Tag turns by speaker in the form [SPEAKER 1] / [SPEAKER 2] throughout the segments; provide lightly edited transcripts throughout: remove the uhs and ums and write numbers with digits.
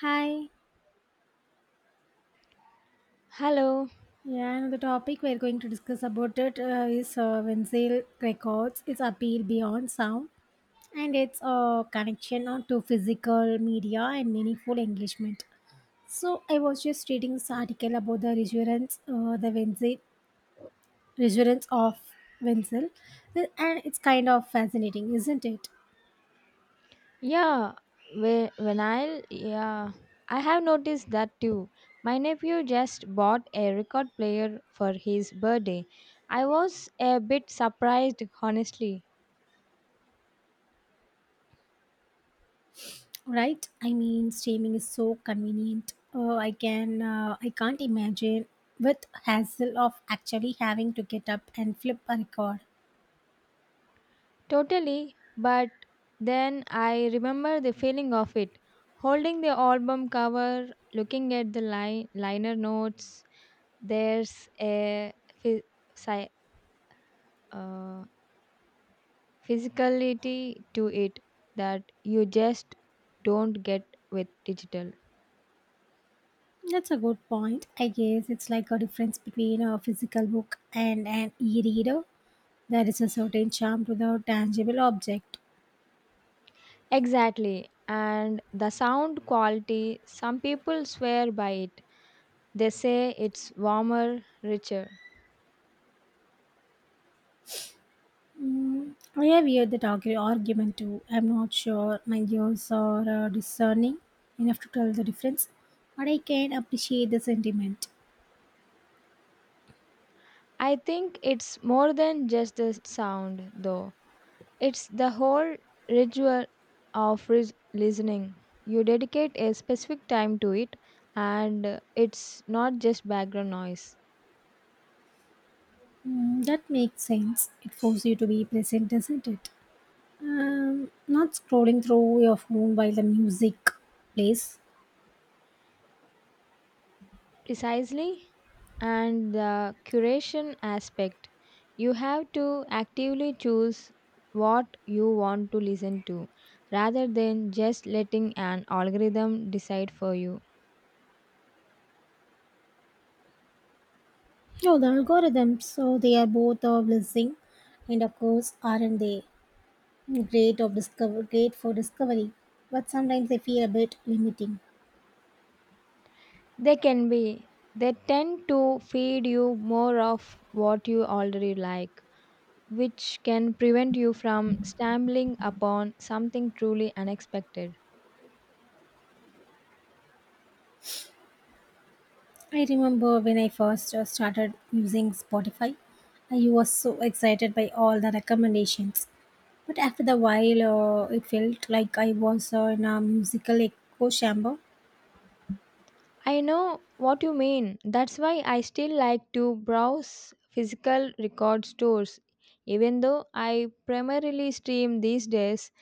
[SPEAKER 1] Hi.
[SPEAKER 2] Hello.
[SPEAKER 1] Yeah, and the topic we're going to discuss about it is Wenzel records, its appeal beyond sound, and its connection on to physical media and meaningful engagement. So I was just reading this article about the resurgence, the Wenzel resurgence of Wenzel, and it's kind of fascinating, isn't it?
[SPEAKER 2] Yeah, when I I have noticed that too. My nephew just bought a record player for his birthday. I was a bit surprised, honestly.
[SPEAKER 1] Right, I mean streaming is so convenient. Oh, I can I can't imagine with hassle of actually having to get up and flip a record.
[SPEAKER 2] Totally, but then I remember the feeling of it. Holding the album cover, looking at the liner notes, there's a phy- sci- uh, physicality to it that you just don't get with digital.
[SPEAKER 1] That's a good point. I guess it's like a difference between a physical book and an e-reader. There is a certain charm to the tangible object.
[SPEAKER 2] Exactly. And the sound quality, some people swear by it. They say it's warmer, richer.
[SPEAKER 1] I have heard that argument too. I'm not sure my ears are discerning enough to tell the difference, but I can appreciate the sentiment.
[SPEAKER 2] I think it's more than just the sound, though. It's the whole ritual of listening. You dedicate a specific time to it, and it's not just background noise.
[SPEAKER 1] Mm, that makes sense. It forces you to be present, doesn't it? Not scrolling through your phone while the music plays.
[SPEAKER 2] Precisely. And the curation aspect. You have to actively choose what you want to listen to rather than just letting an algorithm decide for you.
[SPEAKER 1] Oh, the algorithms. So they are both a blessing, and of course, aren't they? Great for discovery? But sometimes they feel a bit limiting.
[SPEAKER 2] They can be. They tend to feed you more of what you already like, which can prevent you from stumbling upon something truly unexpected.
[SPEAKER 1] I remember when I first started using Spotify. I was so excited by all the recommendations, but after the while, it felt like I was in a musical echo chamber.
[SPEAKER 2] I know what you mean. That's why I still like to browse physical record stores. Even though I primarily stream these days,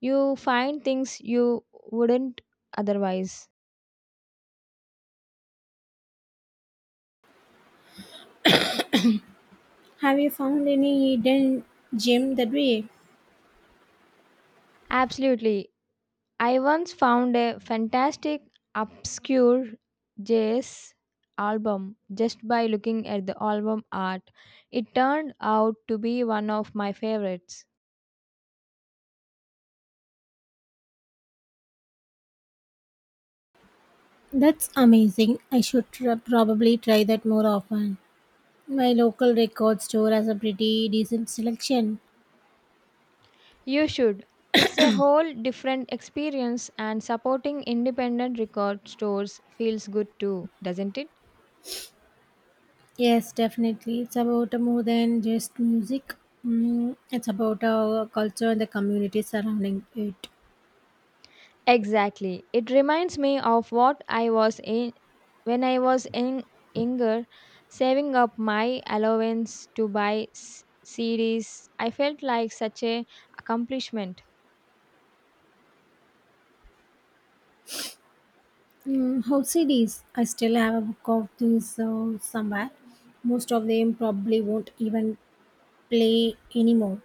[SPEAKER 2] you find things you wouldn't otherwise.
[SPEAKER 1] Have you found any hidden gem that way?
[SPEAKER 2] Absolutely. I once found a fantastic obscure jazz album just by looking at the album art. It turned out to be one of my favorites.
[SPEAKER 1] That's amazing. I should probably try that more often. My local record store has a pretty decent selection.
[SPEAKER 2] You should. It's a whole different experience, and supporting independent record stores feels good too, doesn't it?
[SPEAKER 1] Yes, definitely. It's about more than just music. Mm, it's about our culture and the community surrounding it.
[SPEAKER 2] Exactly. It reminds me of what I was in when I was in younger, saving up my allowance to buy CDs. I felt like such a accomplishment.
[SPEAKER 1] Mm, how CDs? I still have a book of these somewhere. Most of them probably won't even play anymore.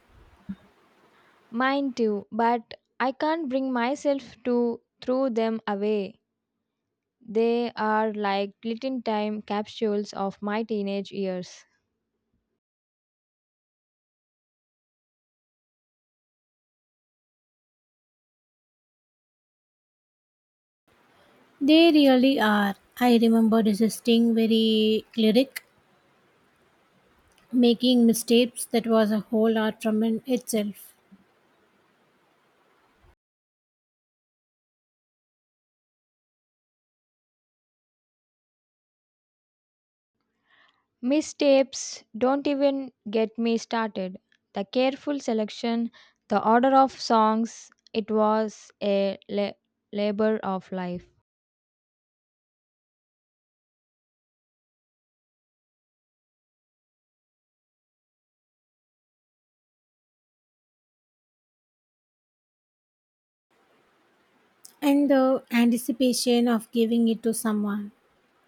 [SPEAKER 2] Mine too, but I can't bring myself to throw them away. They are like little time capsules of my teenage years.
[SPEAKER 1] They really are. I remember resisting very lyric, making mistakes that was a whole art from in itself,
[SPEAKER 2] Misstapes don't even get me started. The careful selection, the order of songs, it was a labor of life.
[SPEAKER 1] and the anticipation of giving it to someone,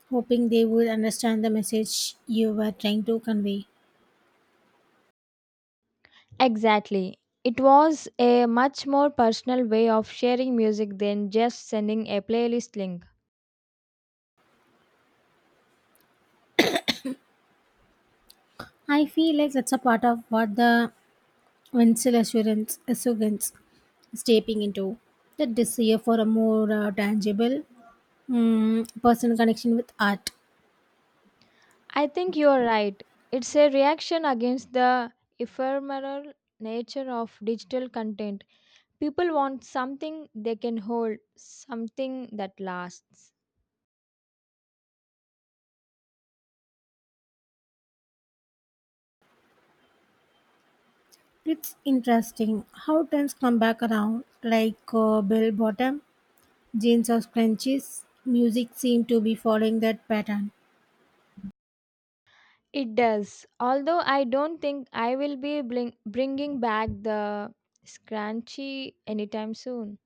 [SPEAKER 1] hoping they would understand the message you were trying to convey.
[SPEAKER 2] Exactly. It was a much more personal way of sharing music than just sending a playlist link.
[SPEAKER 1] I feel like that's a part of what the Winsel Assurance Assurance is taping into the desire for a more tangible, mm, personal connection with art.
[SPEAKER 2] I think you're right. It's a reaction against the ephemeral nature of digital content. People want something they can hold, something that lasts.
[SPEAKER 1] It's interesting how trends come back around, like bell bottom jeans or scrunchies. Music seemed to be following that pattern.
[SPEAKER 2] It does. Although I don't think I will be bringing back the scrunchie anytime soon.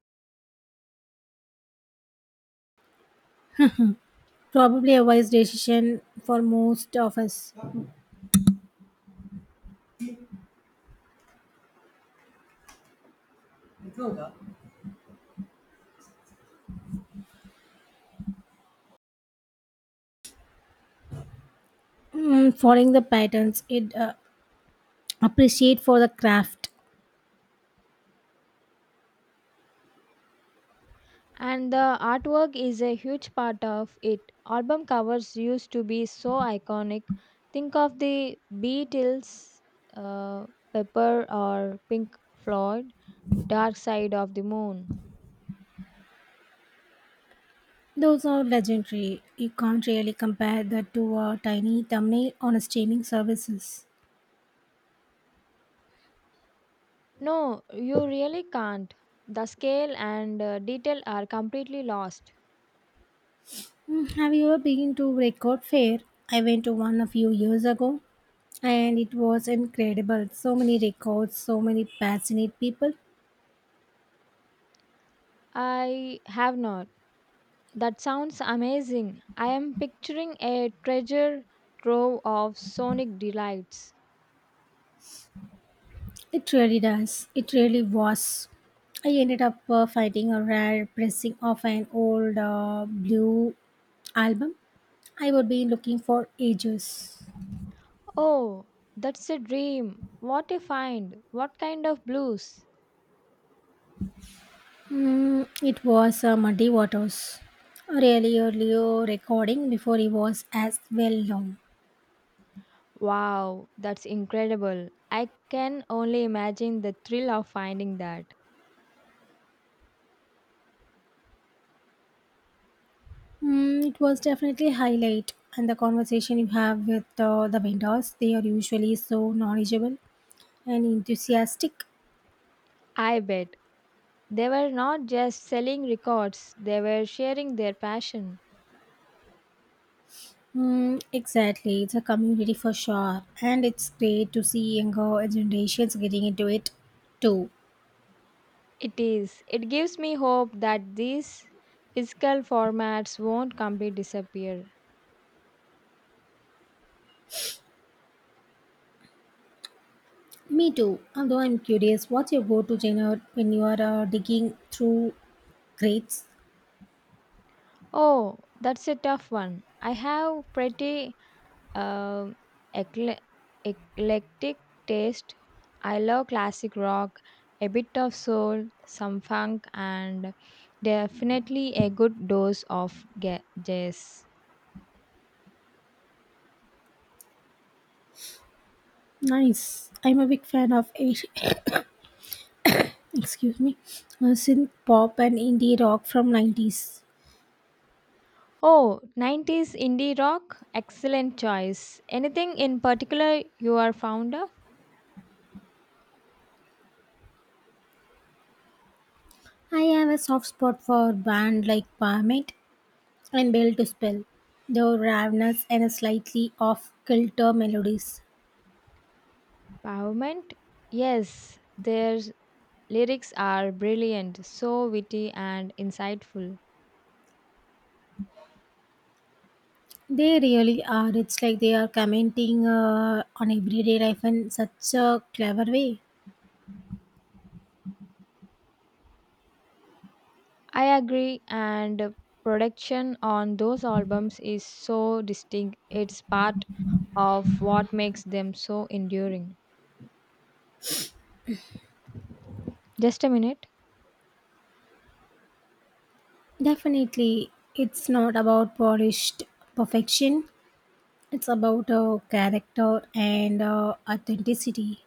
[SPEAKER 1] Probably a wise decision for most of us. Mm, following the patterns, it appreciate for the craft.
[SPEAKER 2] And the artwork is a huge part of it. Album covers used to be so iconic. Think of the Beatles, uh, Pepper, or Pink Floyd, Dark Side of the Moon.
[SPEAKER 1] Those are legendary. You can't really compare that to a tiny thumbnail on a streaming services.
[SPEAKER 2] No, you really can't. The scale and detail are completely lost.
[SPEAKER 1] Mm, have you ever been to Record Fair? I went to one a few years ago and it was incredible. So many records, so many passionate people.
[SPEAKER 2] I have not. That sounds amazing. I am picturing a treasure trove of sonic delights.
[SPEAKER 1] It really does. It really was. I ended up finding a rare pressing of an old blue album I would be looking for ages.
[SPEAKER 2] Oh, that's a dream. What a find. What kind of blues?
[SPEAKER 1] Mm, it was Muddy Waters. Really early recording before he was as well known.
[SPEAKER 2] Wow, that's incredible. I can only imagine the thrill of finding that.
[SPEAKER 1] Mm, it was definitely highlight and the conversation you have with the vendors. They are usually so knowledgeable and enthusiastic.
[SPEAKER 2] I bet they were not just selling records, they were sharing their passion.
[SPEAKER 1] Mm, exactly, it's a community for sure, and it's great to see younger generations getting into it too.
[SPEAKER 2] It is. It gives me hope that these physical formats won't completely disappear.
[SPEAKER 1] Me too. Although I'm curious, what's your go-to genre when you are digging through crates?
[SPEAKER 2] Oh, that's a tough one. I have pretty um ecle- eclectic taste. I love classic rock, a bit of soul, some funk, and definitely a good dose of jazz.
[SPEAKER 1] Nice. I'm a big fan of excuse me, synth pop and indie rock from 90s.
[SPEAKER 2] Oh, '90s indie rock? Excellent choice. Anything in particular you are fond of?
[SPEAKER 1] I have a soft spot for band like Parliament and Bell to Spell, though ravenous and slightly off kilter melodies.
[SPEAKER 2] Pavement? Yes, their lyrics are brilliant, so witty and insightful.
[SPEAKER 1] They really are. It's like they are commenting on everyday life in such a clever way.
[SPEAKER 2] I agree, and production on those albums is so distinct. It's part of what makes them so enduring. Just a minute.
[SPEAKER 1] Definitely, it's not about polished perfection. It's about character and authenticity.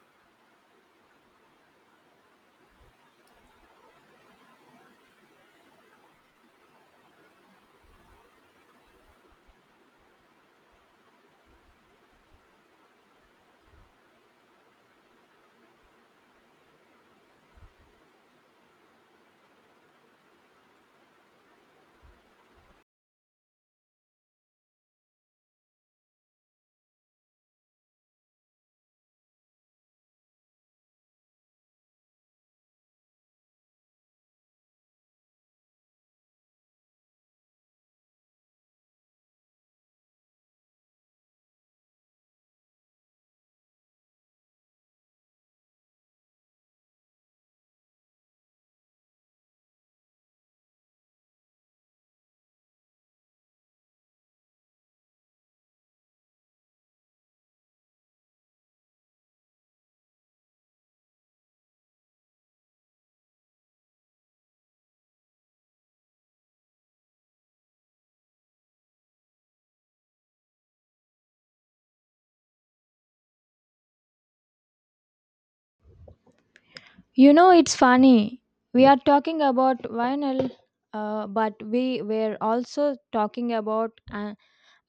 [SPEAKER 2] You know, it's funny. We are talking about vinyl, but we were also talking about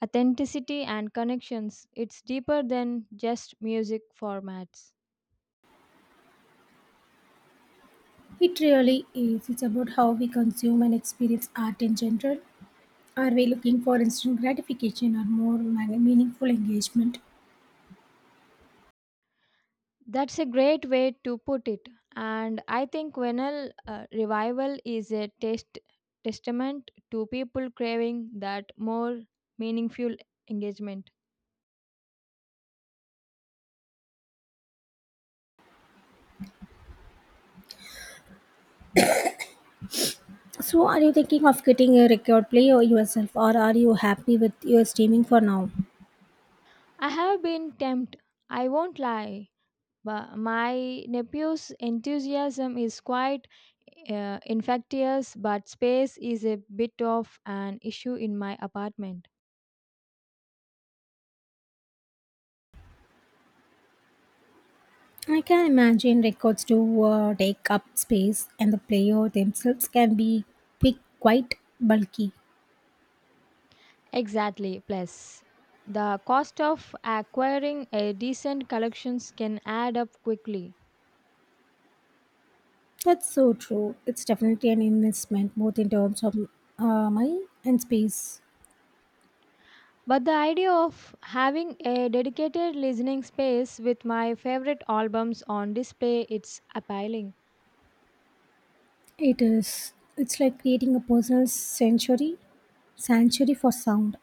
[SPEAKER 2] authenticity and connections. It's deeper than just music formats.
[SPEAKER 1] It really is. It's about how we consume and experience art in general. Are we looking for instant gratification or more meaningful engagement?
[SPEAKER 2] That's a great way to put it. And I think vinyl revival is a testament to people craving that more meaningful engagement.
[SPEAKER 1] So, are you thinking of getting a record player yourself, or are you happy with your streaming for now?
[SPEAKER 2] I have been tempted, I won't lie, but my nephew's enthusiasm is quite infectious, but space is a bit of an issue in my apartment.
[SPEAKER 1] I can imagine records do take up space, and the player themselves can be big, quite bulky.
[SPEAKER 2] Exactly. Plus, the cost of acquiring a decent collections can add up quickly.
[SPEAKER 1] That's so true. It's definitely an investment, both in terms of money and space.
[SPEAKER 2] But the idea of having a dedicated listening space with my favorite albums on display it's appealing.
[SPEAKER 1] It is. It's like creating a personal sanctuary for sound.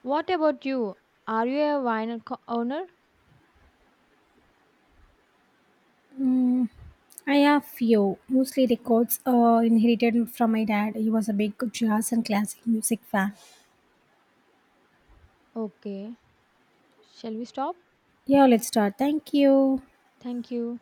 [SPEAKER 2] What about you? Are you a vinyl owner?
[SPEAKER 1] Mm, I have few, mostly records inherited from my dad. He was a big jazz and classic music fan.
[SPEAKER 2] Okay. Shall we stop?
[SPEAKER 1] Yeah, let's start. Thank you.
[SPEAKER 2] Thank you.